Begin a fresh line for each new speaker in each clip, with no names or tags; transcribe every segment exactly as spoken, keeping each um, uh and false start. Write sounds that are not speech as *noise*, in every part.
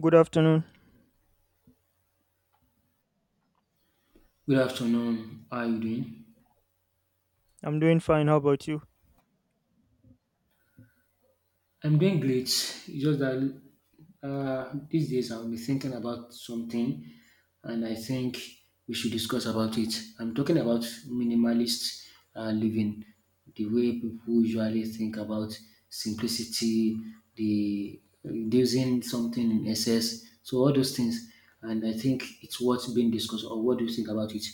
Good afternoon.
Good afternoon. How are you doing?
I'm doing fine. How about you?
I'm doing great. It's just that uh, these days I've be thinking about something, and I think we should discuss about it. I'm talking about minimalist uh, living, the way people usually think about simplicity, the reducing something in excess, so all those things. And I think it's what's being discussed, or what do you think about it?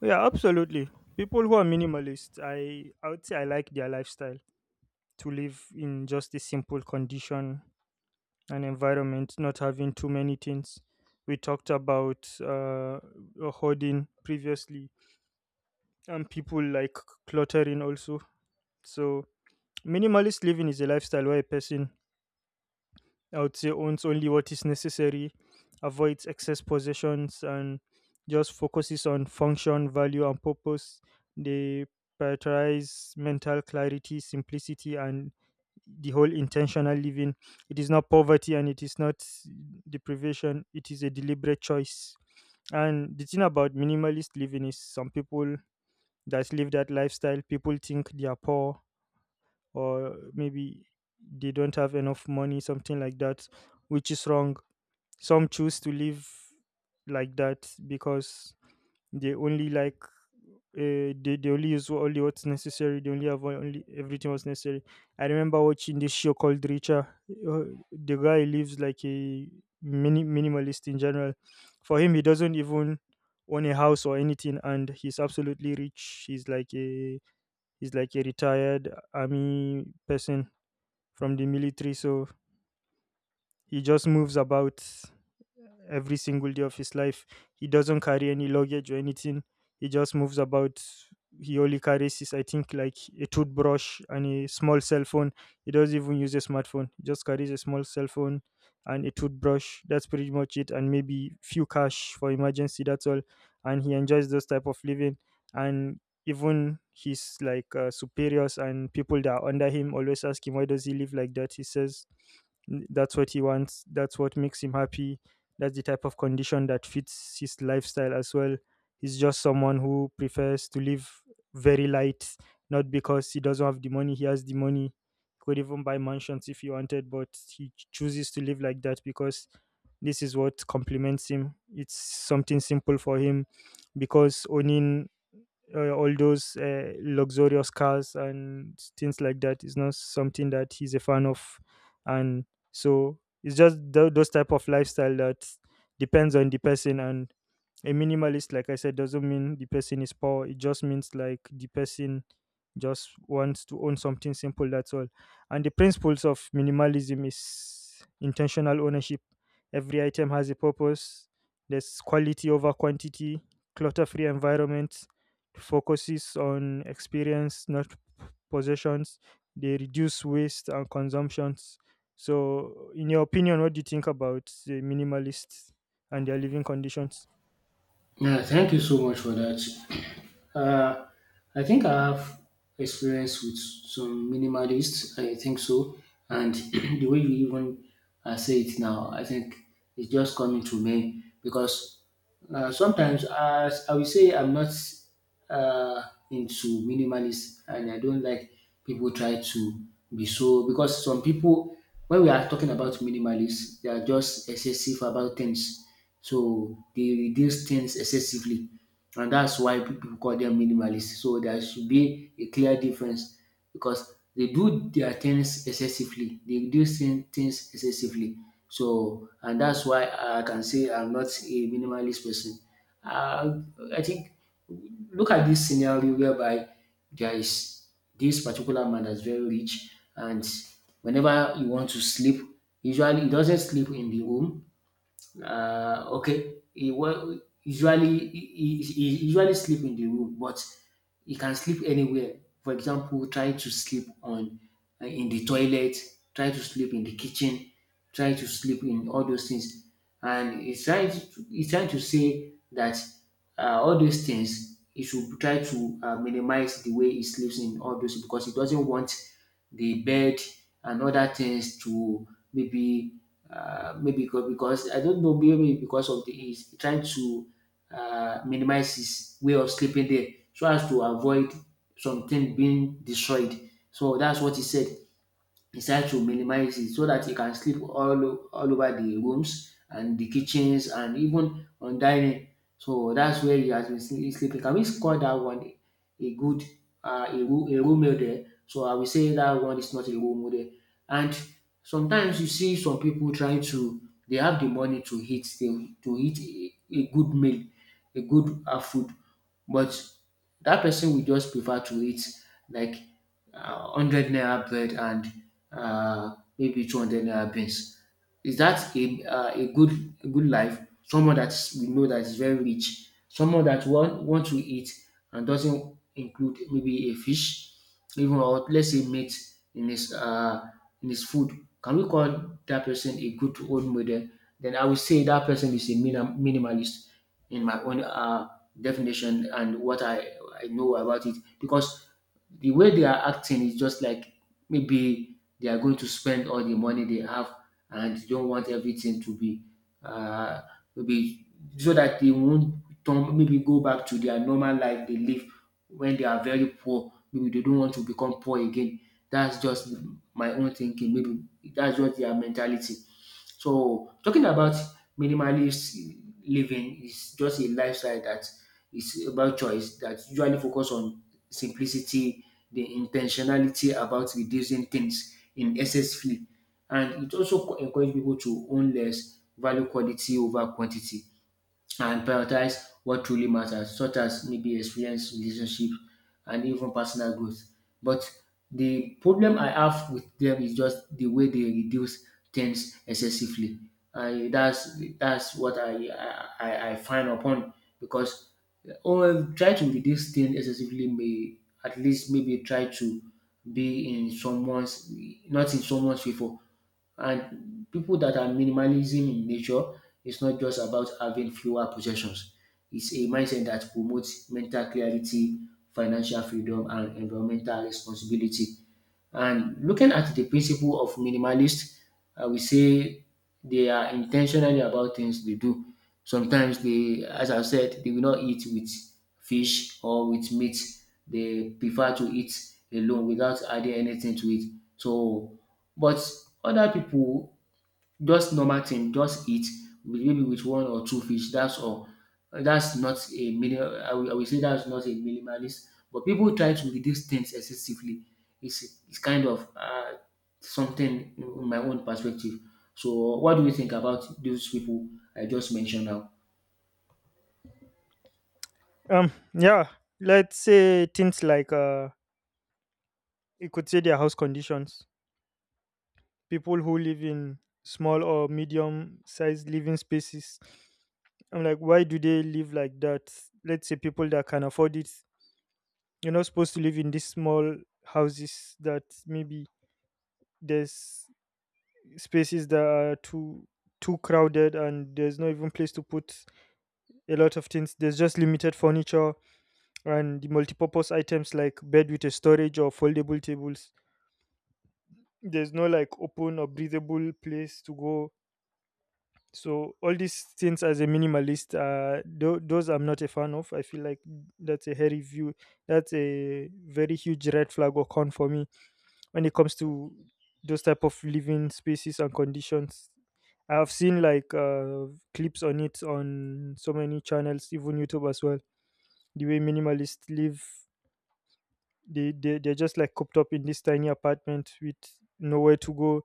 Yeah, absolutely. People who are minimalist, I I would say I like their lifestyle to live in just a simple condition and environment, not having too many things. We talked about uh, hoarding previously, and people like cluttering also. So minimalist living is a lifestyle where a person I would say owns only what is necessary, avoids excess possessions, and just focuses on function, value, and purpose. They prioritize mental clarity, simplicity, and the whole intentional living. It is not poverty and it is not deprivation, it is a deliberate choice. And the thing about minimalist living is some people that live that lifestyle, people think they are poor or maybe they don't have enough money, something like that, which is wrong. Some choose to live like that because they only like uh, they, they only use only what's necessary. They only have only everything was necessary. I remember watching this show called Richa. Uh, the guy lives like a mini minimalist in general. For him, he doesn't even own a house or anything, and he's absolutely rich. He's like a he's like a retired army person from the military, so he just moves about every single day of his life. He doesn't carry any luggage or anything. He just moves about. He only carries his, I think, like a toothbrush and a small cell phone. He doesn't even use a smartphone. He just carries a small cell phone and a toothbrush. That's pretty much it. And maybe few cash for emergency. That's all. And he enjoys those type of living. And even his like uh, superiors and people that are under him always ask him why does he live like that. He says, "N- that's what he wants, that's what makes him happy, that's the type of condition that fits his lifestyle as well. He's just someone who prefers to live very light, not because he doesn't have the money, he has the money. He could even buy mansions if he wanted, but he chooses to live like that because this is what complements him. It's something simple for him because owning uh, all those uh, luxurious cars and things like that is not something that he's a fan of, and so it's just tho- those type of lifestyle that depends on the person. And a minimalist, like I said, doesn't mean the person is poor, it just means like the person just wants to own something simple, that's all. And the principles of minimalism is intentional ownership, every item has a purpose, there's quality over quantity, clutter free environments, focuses on experience not possessions, they reduce waste and consumptions. So in your opinion, what do you think about the minimalists and their living conditions?
Yeah, thank you so much for that. *clears throat* Uh, I think I have experience with some minimalists. I think so, and *clears throat* the way you even uh, say it now, I think it's just coming to me because uh, sometimes as I will say, I'm not uh, into minimalist, and I don't like people try to be so because some people, when we are talking about minimalists, they are just excessive about things, so they reduce things excessively, and that's why people call them minimalists. So there should be a clear difference because they do their things excessively, they reduce thin- things excessively, so and that's why I can say I'm not a minimalist person. uh, I think look at this scenario whereby there is this particular man that's very rich, and whenever he wants to sleep, usually he doesn't sleep in the room. Uh, okay, he, well, usually he, he, he usually sleep in the room, but he can sleep anywhere. For example, try to sleep on uh, in the toilet, try to sleep in the kitchen, try to sleep in all those things. And he's trying to, he's trying to say that uh, all these things he should try to uh, minimize the way he sleeps in all those because he doesn't want the bed and other things to maybe uh, maybe because, because I don't know, maybe because of the he's trying to uh, minimize his way of sleeping there so as to avoid something being destroyed. So that's what he said. He tries to minimize it so that he can sleep all o- all over the rooms and the kitchens and even on dining. So that's where he has been sle- sleeping. Can we score that one a good uh, a, ru- a room meal there? So I will say that one is not a role model. And sometimes you see some people trying to they have the money to eat they, to eat a, a good meal, a good uh, food, but that person will just prefer to eat like uh, one hundred naira bread and uh, maybe two hundred naira beans. Is that a, uh, a good a good life? Someone that we know that is very rich, someone that want, want to eat, and doesn't include maybe a fish, even, or let's say meat in his uh, in his food. Can we call that person a good role model? Then I would say that person is a minim- minimalist in my own uh, definition and what I, I know about it because the way they are acting is just like, maybe, they are going to spend all the money they have and they don't want everything to be uh, maybe so that they won't turn, maybe go back to their normal life they live when they are very poor. Maybe they don't want to become poor again. That's just my own thinking. Maybe that's just their mentality. So talking about minimalist living is just a lifestyle that is about choice that usually focus on simplicity, the intentionality about reducing things in excessively, and it also co- encourage people to own less, value quality over quantity, and prioritize what truly matters, such as maybe experience, relationship, and even personal growth. But the problem I have with them is just the way they reduce things excessively. And that's that's what I I, I I find upon because or try to reduce things excessively may at least maybe try to be in someone's not in someone's favor, and people that are minimalism in nature, it's not just about having fewer possessions. It's a mindset that promotes mental clarity, financial freedom, and environmental responsibility. And looking at the principle of minimalist, I will say they are intentionally about things they do. Sometimes they, as I said, they will not eat with fish or with meat. They prefer to eat alone without adding anything to it. So, but other people just normal thing, just eat with maybe with one or two fish, that's all. Uh, That's not a minimal, I will I will say that's not a minimalist, but people try to reduce things excessively. It's it's kind of uh, something in my own perspective. So what do you think about those people I just mentioned now?
Um, yeah, let's say things like uh, you could say their house conditions. People who live in small or medium-sized living spaces. I'm like, why do they live like that? Let's say people that can afford it. You're not supposed to live in these small houses that maybe there's spaces that are too too crowded and there's no even place to put a lot of things. There's just limited furniture and the multipurpose items like bed with a storage or foldable tables. There's no like open or breathable place to go. So all these things as a minimalist, uh tho- those I'm not a fan of. I feel like that's a hairy view, that's a very huge red flag or con for me when it comes to those type of living spaces and conditions. I've seen like uh clips on it on so many channels, even YouTube as well. The way minimalists live, they, they they're just like cooped up in this tiny apartment with nowhere to go.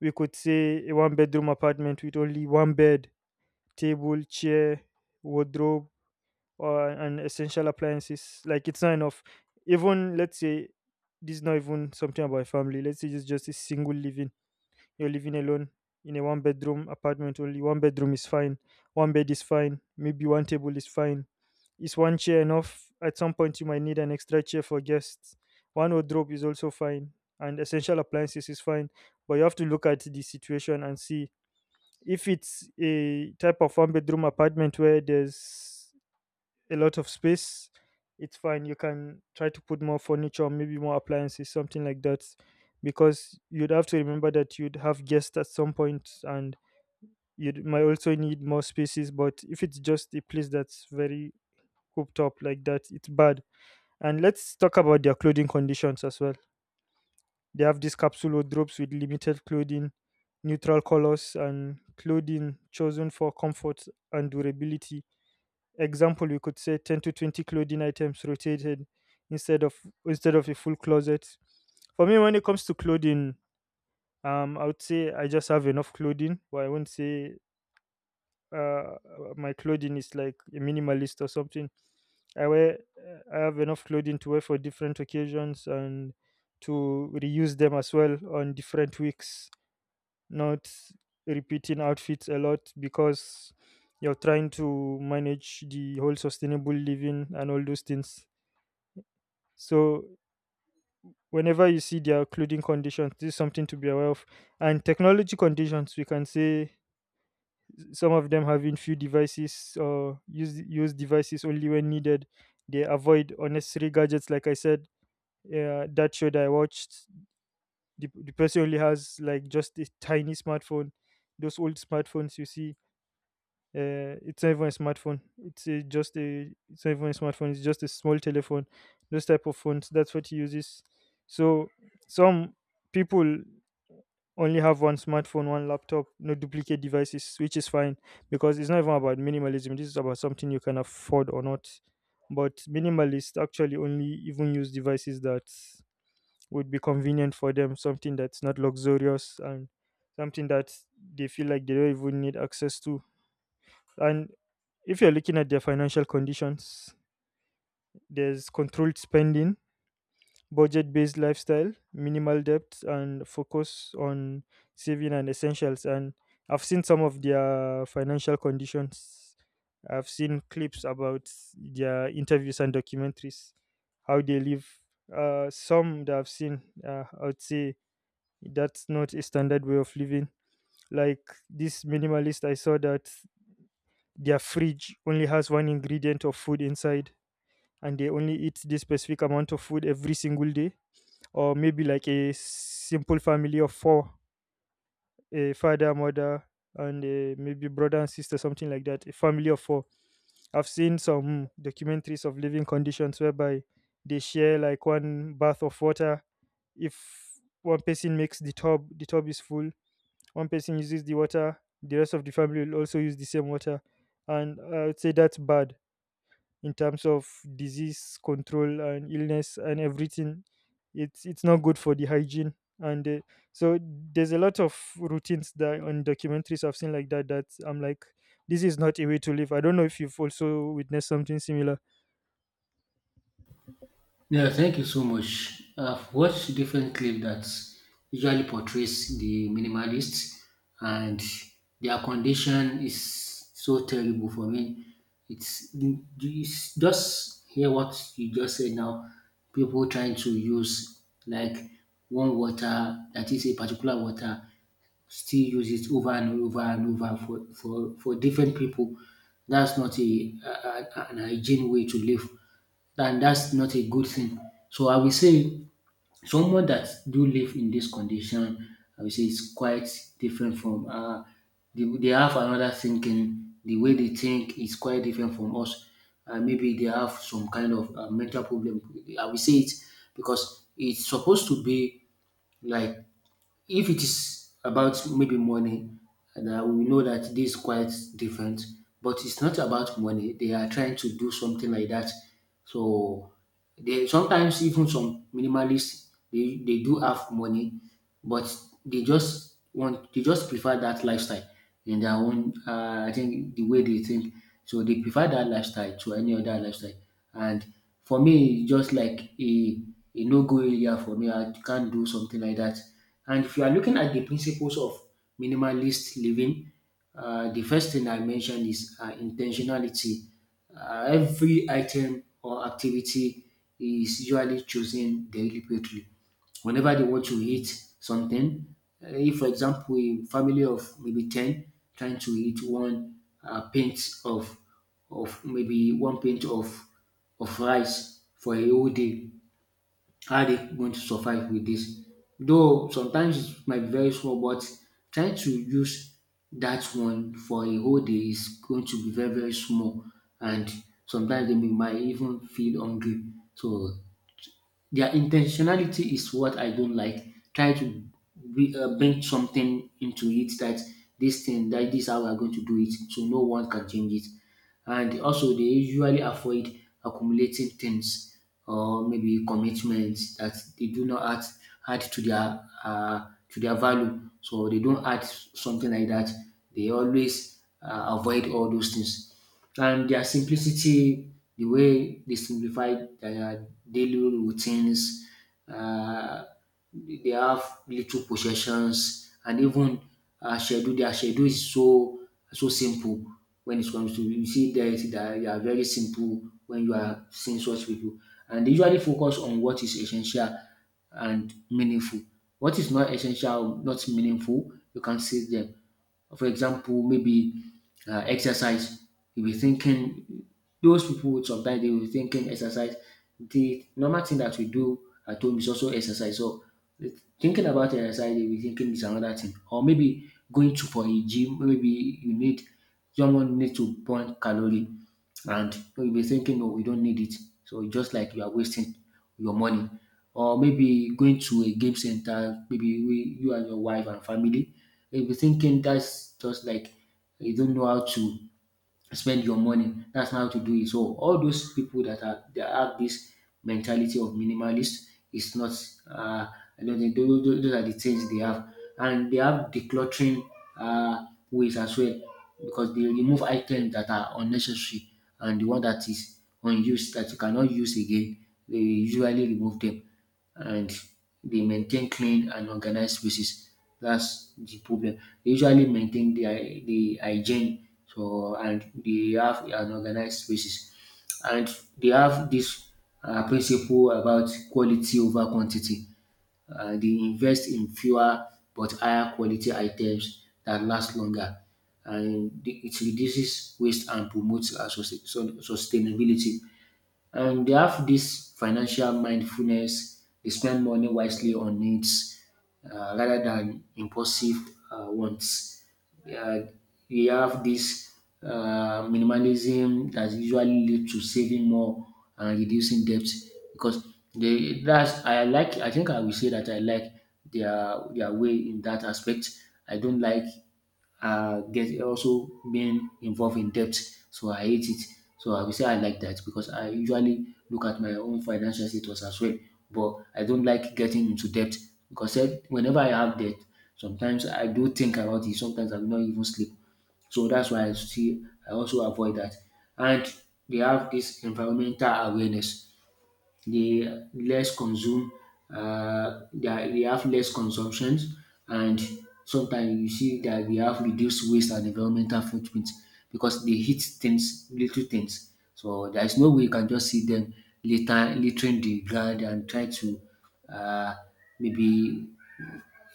We could say a one bedroom apartment with only one bed, table, chair, wardrobe, or and essential appliances, like it's not enough. Even let's say this is not even something about a family, let's say it's just a single living, you're living alone in a one bedroom apartment. Only one bedroom is fine, one bed is fine, maybe one table is fine. Is one chair enough? At some point you might need an extra chair for guests. One wardrobe is also fine and essential appliances is fine. But you have to look at the situation and see if it's a type of one bedroom apartment where there's a lot of space, it's fine. You can try to put more furniture, or maybe more appliances, something like that, because you'd have to remember that you'd have guests at some point and you might also need more spaces. But if it's just a place that's very hooped up like that, it's bad. And let's talk about their clothing conditions as well. They have these capsule wardrobes with limited clothing, neutral colors, and clothing chosen for comfort and durability. Example, we could say ten to twenty clothing items rotated instead of instead of a full closet. For me, when it comes to clothing, um, I would say I just have enough clothing, but I wouldn't say uh my clothing is like a minimalist or something. I wear I have enough clothing to wear for different occasions and to reuse them as well on different weeks, not repeating outfits a lot because you're trying to manage the whole sustainable living and all those things. So whenever you see their clothing conditions, this is something to be aware of. And technology conditions, we can say some of them having few devices or use use devices only when needed. They avoid unnecessary gadgets, like I said. Uh, that show that I watched, the, the person only has like just a tiny smartphone. Those old smartphones you see. Uh, it's not even a smartphone. It's a, just a. It's not even a smartphone. It's just a small telephone. Those type of phones. That's what he uses. So some people only have one smartphone, one laptop, no duplicate devices, which is fine because it's not even about minimalism. This is about something you can afford or not. But minimalists actually only even use devices that would be convenient for them, something that's not luxurious and something that they feel like they don't even need access to. And if you're looking at their financial conditions, there's controlled spending, budget based lifestyle, minimal debt, and focus on saving and essentials. And I've seen some of their financial conditions. I've seen clips about their interviews and documentaries, how they live. Uh, some that I've seen, uh, I would say that's not a standard way of living. Like this minimalist, I saw that their fridge only has one ingredient of food inside and they only eat this specific amount of food every single day. Or maybe like a simple family of four, a father, mother, and uh, maybe brother and sister, something like that, a family of four. I've seen some hmm, documentaries of living conditions whereby they share like one bath of water. If one person makes the tub, the tub is full, one person uses the water, the rest of the family will also use the same water. And I would say that's bad in terms of disease control and illness and everything. It's it's not good for the hygiene. And uh, so there's a lot of routines that on documentaries I've seen like that that I'm like, this is not a way to live. I don't know if you've also witnessed something similar.
Yeah, thank you so much. I've watched different clips that usually portrays the minimalists, and their condition is so terrible for me. It's, it's just hear what you just said now. People trying to use like one water that is a particular water still use it over and over and over for, for, for different people. That's not a, a, a- an hygiene way to live, and that's not a good thing. So I will say someone that do live in this condition, I will say it's quite different from uh, they, they have another thinking. The way they think is quite different from us. Uh, maybe they have some kind of uh, mental problem. I will say it because it's supposed to be like, if it is about maybe money, that we know that this is quite different, but it's not about money. They are trying to do something like that. So they, sometimes even some minimalists they, they do have money, but they just want they just prefer that lifestyle in their own uh, I think the way they think. So they prefer that lifestyle to any other lifestyle. And for me, it's just like a, a no go area for me. I can't do something like that. And if you are looking at the principles of minimalist living, uh, the first thing I mentioned is uh, intentionality. Uh, every item or activity is usually chosen deliberately. Whenever they want to eat something, uh, if for example a family of maybe ten trying to eat one uh, pint of of maybe one pint of of rice for a whole day, how are they going to survive with this? Though sometimes it might be very small, but trying to use that one for a whole day is going to be very very small, and sometimes they may- might even feel hungry. So their intentionality is what I don't like. Try to bri- uh, bring something into it that this thing, that this is how we're going to do it, so no one can change it. And also, they usually avoid accumulating things or maybe commitments that they do not add add to their uh, to their value. So they don't add something like that. They always uh, avoid all those things and their simplicity, the way they simplify their daily routines, uh, they have little possessions, and even uh, schedule. Their schedule is so so simple when it comes to, you see, there is that they are very simple when you are seeing such people, and they usually focus on what is essential and meaningful. What is not essential, not meaningful, you can see them. For example, maybe uh, exercise. You'll be thinking those people sometimes they will be thinking exercise. The normal thing that we do at home is also exercise. So thinking about exercise, they'll be thinking is another thing. Or maybe going to for a gym, maybe you need someone need to burn calorie, and you'll be thinking, no, we don't need it. So it's just like you are wasting your money. Or maybe going to a game center, maybe we, you and your wife and family, if You'll thinking that's just like you don't know how to spend your money. That's not how to do it. So all those people that are that have this mentality of minimalist it's not. Uh, I don't think those, those those are the things they have, and they have decluttering uh, ways as well because they remove items that are unnecessary and the one that is unused that you cannot use again. They usually remove them, and they maintain clean and organized spaces. That's the problem. They usually maintain the, hy- the hygiene, so, and they have an organized spaces. And they have this uh, principle about quality over quantity. Uh, they invest in fewer but higher quality items that last longer. And the- it reduces waste and promotes uh, sus- sun- sustainability, and they have this financial mindfulness. They spend money wisely on needs uh, rather than impulsive uh, wants. Uh, they have this uh, minimalism that usually leads to saving more and reducing debt because they that's I like, I think I will say that I like their their way in that aspect. I don't like uh, get also being involved in debt. So I hate it. So I will say I like that because I usually look at my own financial status as well. But I don't like getting into debt because eh, whenever I have debt, sometimes I do think about it. Sometimes I will not even sleep. So that's why I see I also avoid that. And they have this environmental awareness, they less consume, uh, they, are- they have less consumptions, and sometimes you see that we have reduced waste and environmental footprint because they hit things, little things, so there is no way you can just see them litter, littering the ground and try to uh, maybe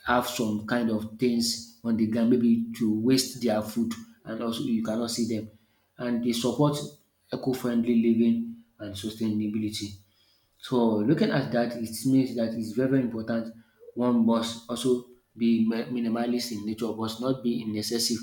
have some kind of things on the ground, maybe to waste their food, and also you cannot see them. And they support eco-friendly living and sustainability. So looking at that, it means that it's very, very important. One must also be mi- minimalist in nature, must not be in excessive.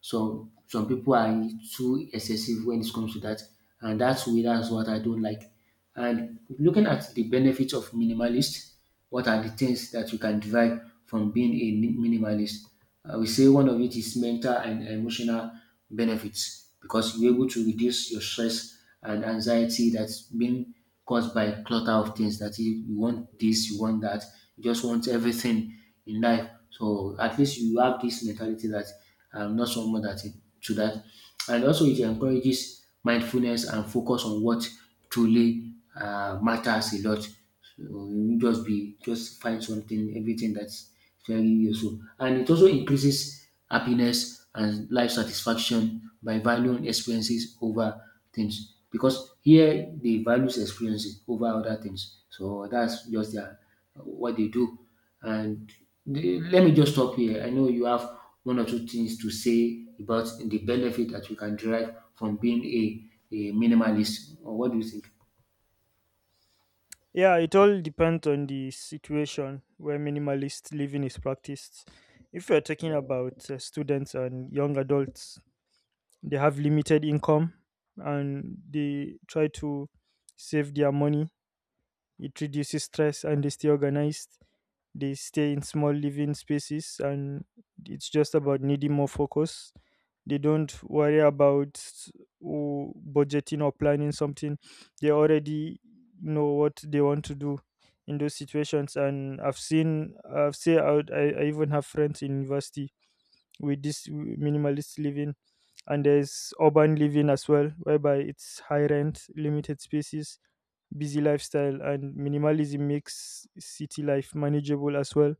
Some some people are too excessive when it comes to that, and that's where that's what I don't like. And looking at the benefits of minimalist, what are the things that you can derive from being a minimalist? I will say one of it is mental and emotional benefits because you're able to reduce your stress and anxiety that's being caused by clutter of things that you you want this, you want that, you just want everything in life. So at least you have this mentality that I'm not someone that is to that. And also it encourages mindfulness and focus on what truly uh, matters a lot. So you just be just find something, everything that's very useful. And it also increases happiness and life satisfaction by valuing experiences over things. Because here they values experiences over other things. So that's just their what they do. And the, let me just stop here. I know you have one or two things to say about the benefit that you can derive from being a, a minimalist. Or what do you think?
Yeah, it all depends on the situation where minimalist living is practiced. If you're talking about uh, students and young adults, they have limited income and they try to save their money. It reduces stress and they stay organized. They stay in small living spaces and it's just about needing more focus. They don't worry about, oh, budgeting or planning something. They already know what they want to do in those situations. And I've seen, I've say, I, would- I I even have friends in university with this minimalist living. And there's urban living as well whereby it's high rent, limited spaces, busy lifestyle, and minimalism makes city life manageable as well.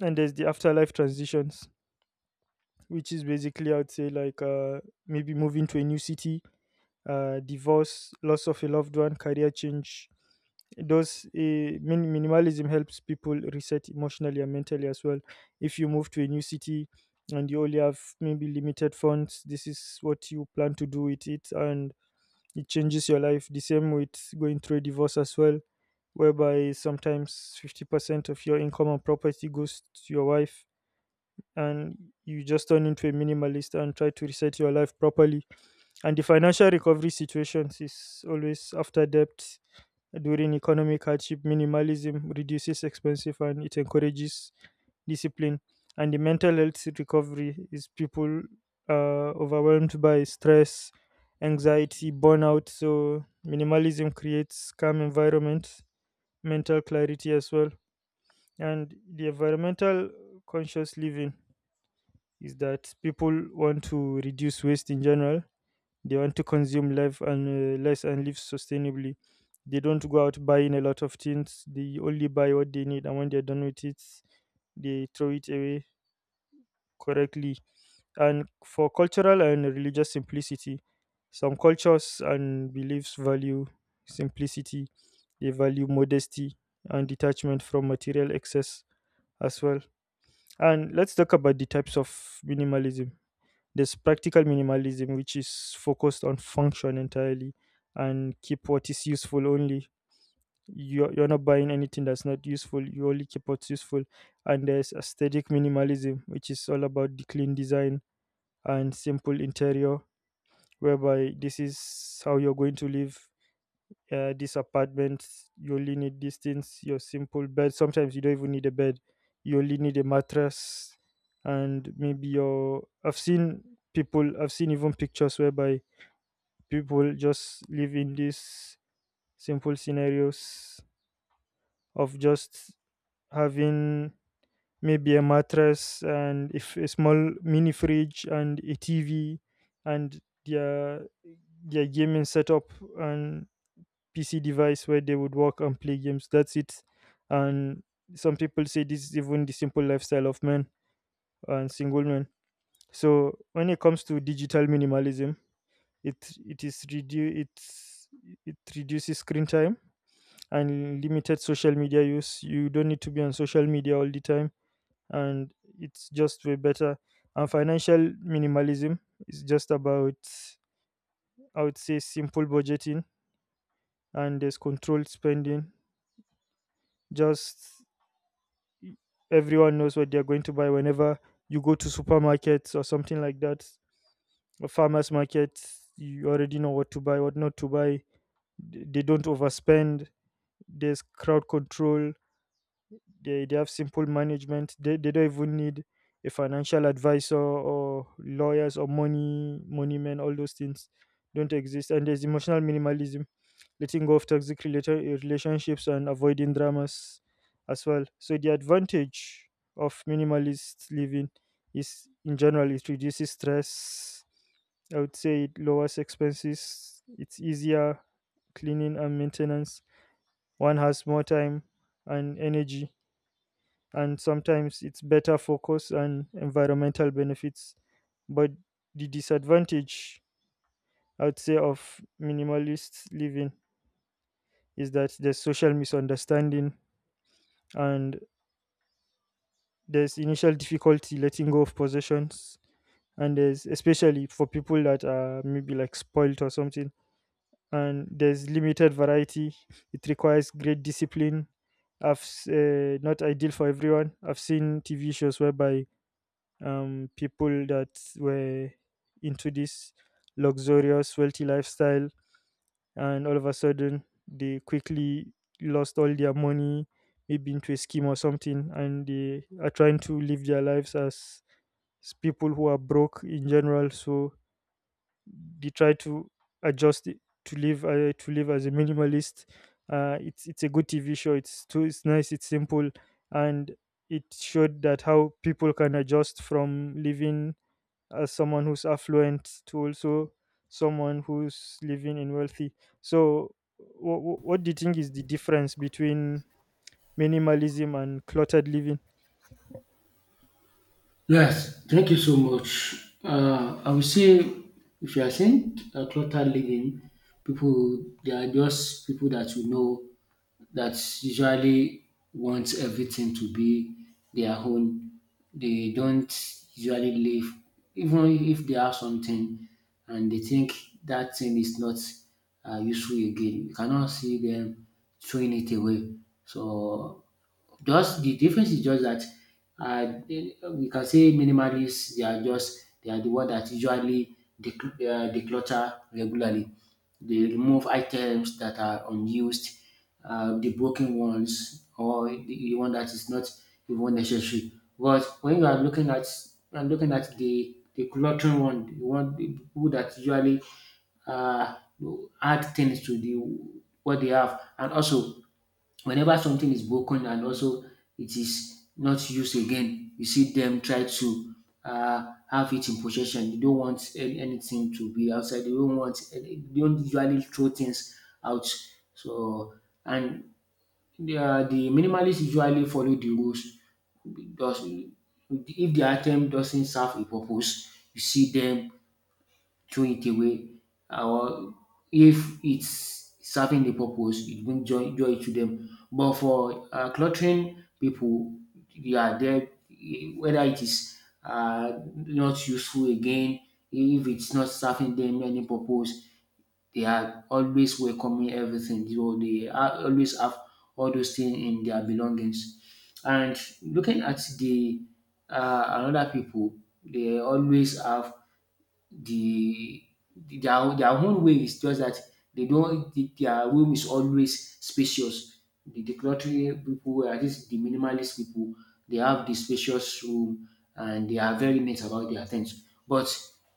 And there's the afterlife transitions, which is basically I'd say like uh, maybe moving to a new city, uh, divorce, loss of a loved one, career change. Those uh, min- minimalism helps people reset emotionally and mentally as well. If you move to a new city and you only have maybe limited funds, this is what you plan to do with it, and it changes your life. The same with going through a divorce as well, whereby sometimes fifty percent of your income and property goes to your wife, and you just turn into a minimalist and try to reset your life properly. And the financial recovery situations is always after debt during economic hardship. Minimalism reduces expensive and it encourages discipline. And the mental health recovery is people uh, overwhelmed by stress, anxiety, burnout. So minimalism creates calm environment, mental clarity as well. And the environmental conscious living is that people want to reduce waste in general, they want to consume life and uh, less and live sustainably. They don't go out buying a lot of things. They only buy what they need, and when they're done with it, they throw it away correctly. And for cultural and religious simplicity, some cultures and beliefs value simplicity. They value modesty and detachment from material excess as well. And let's talk about the types of minimalism. There's practical minimalism, which is focused on function entirely and keep what is useful only. You're, you're not buying anything that's not useful, you only keep what's useful. And there's aesthetic minimalism, which is all about the clean design and simple interior, whereby this is how you're going to live, yeah, this apartment, you only need these things, your simple bed. Sometimes you don't even need a bed, you only need a mattress, and maybe your. I've seen people, I've seen even pictures whereby people just live in these simple scenarios of just having maybe a mattress and if a small mini fridge and a T V and their their gaming setup and P C device where they would work and play games. That's it. And some people say this is even the simple lifestyle of men and single men. So when it comes to digital minimalism, it it is redu- it's it reduces screen time and limited social media use. You don't need to be on social media all the time, and it's just way better. And financial minimalism is just about, I would say, simple budgeting, and there's controlled spending. Just everyone knows what they're going to buy. Whenever you go to supermarkets or something like that, or farmers markets, you already know what to buy, what not to buy. They don't overspend, there's crowd control, they, they have simple management, they, they don't even need a financial advisor or lawyers or money money men, all those things don't exist. And there's emotional minimalism, letting go of toxic relata- relationships and avoiding dramas as well. So the advantage of minimalist living is, in general, it reduces stress, I would say it lowers expenses, it's easier cleaning and maintenance, one has more time and energy, and sometimes it's better focus and environmental benefits. But the disadvantage, I would say, of minimalist living is that there's social misunderstanding, and there's initial difficulty letting go of possessions, and there's especially for people that are maybe like spoiled or something, and there's limited variety. It requires great discipline. I've s- uh, not ideal for everyone. I've seen T V shows whereby um, people that were into this luxurious, wealthy lifestyle, and all of a sudden they quickly lost all their money, maybe into a scheme or something, and they are trying to live their lives as s- people who are broke in general. So they try to adjust it to live, uh, to live as a minimalist. Uh, it's it's a good T V show. It's too, it's nice. It's simple, and it showed that how people can adjust from living as someone who's affluent to also someone who's living in wealthy. So, what, what do you think is the difference between minimalism and cluttered living?
Yes, thank you so much. Uh, I would say if you are saying uh, clutter living, people they are just people that you know that usually wants everything to be their own. They don't usually leave. Even if they have something and they think that thing is not uh, useful again. You cannot see them throwing it away. So just the difference is just that uh, they- we can say minimalists they are just they are the one that usually decl- uh, declutter regularly, they remove items that are unused, uh, the broken ones, or the the one that is not even necessary. But when you are looking at you are looking at the the cluttering one, the one the people that usually uh, add things to the what they have, and also whenever something is broken and also it is not used again, you see them try to uh, have it in possession. They don't want any, anything to be outside. They don't want. They don't usually throw things out. So and the, uh, the minimalists usually follow the rules. Does if the item doesn't serve a purpose, you see them throw it away, or if it's serving the purpose it brings joy joy to them. But for uh, cluttering people, they are there, eh, whether it is uh, not useful again, if it's not serving them any purpose, they are always welcoming everything, so they are always have all those things in their belongings. And looking at the uh, another people, they always have the their their own way is just that they don't the, their room is always spacious. The decluttering people, at least the minimalist people, they have the spacious room and they are very neat about their things. But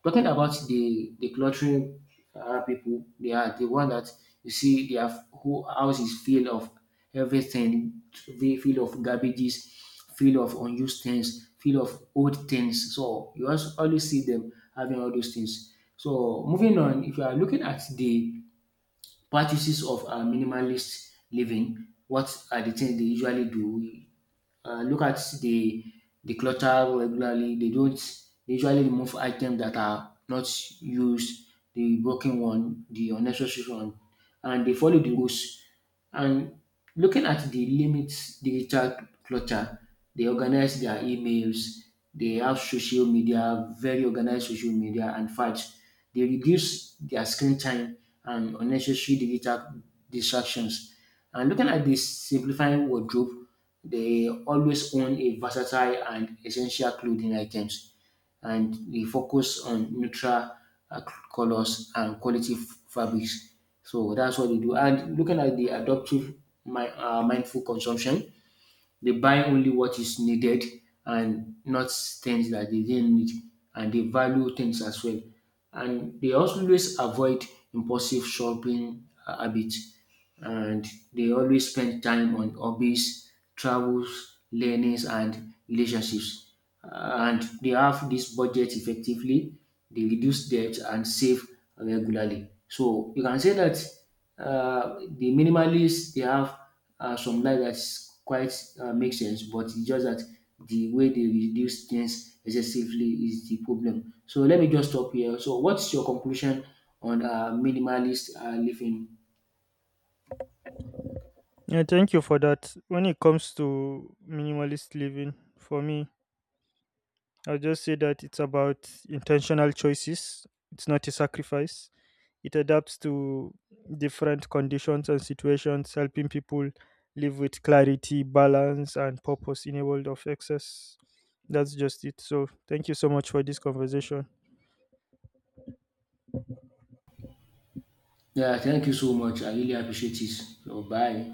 talking about the decluttering uh, people, they are the one that you see their whole house is filled of everything, they filled of garbages, filled of unused things, filled of old things. So you also always see them having all those things. So moving on, if you are looking at the practices of uh, minimalist living, what are the things they usually do? Uh, look at the the clutter regularly. They don't they usually remove items that are not used, the broken one, the unnecessary one, and they follow the rules. And looking at the limits digital clutter, they organize their emails, they have social media, very organized social media and files. They reduce their screen time and unnecessary digital distractions. And looking at this simplifying wardrobe, they always own a versatile and essential clothing items and we focus on neutral uh, colors and quality f- fabrics. So that's what we do. And looking at the adoptive mi- uh, mindful consumption, they buy only what is needed and not things that they didn't need, and they value things as well. And they also always avoid impulsive shopping uh, habits, and they always spend time on hobbies, travels, learnings, and relationships. And they have this budget effectively, they reduce debt and save regularly. So you can say that uh, the minimalists they have uh, some life that's quite uh, makes sense, but it's just that the way they reduce things excessively is the problem. So let me just stop here. So what's your conclusion on uh, minimalist uh, living?
Yeah, thank you for that. When it comes to minimalist living, for me, I'll just say that it's about intentional choices, it's not a sacrifice. It adapts to different conditions and situations, helping people live with clarity, balance, and purpose in a world of excess. That's just it. So, thank you so much for this conversation.
Yeah, thank you so much. I really appreciate it. So bye.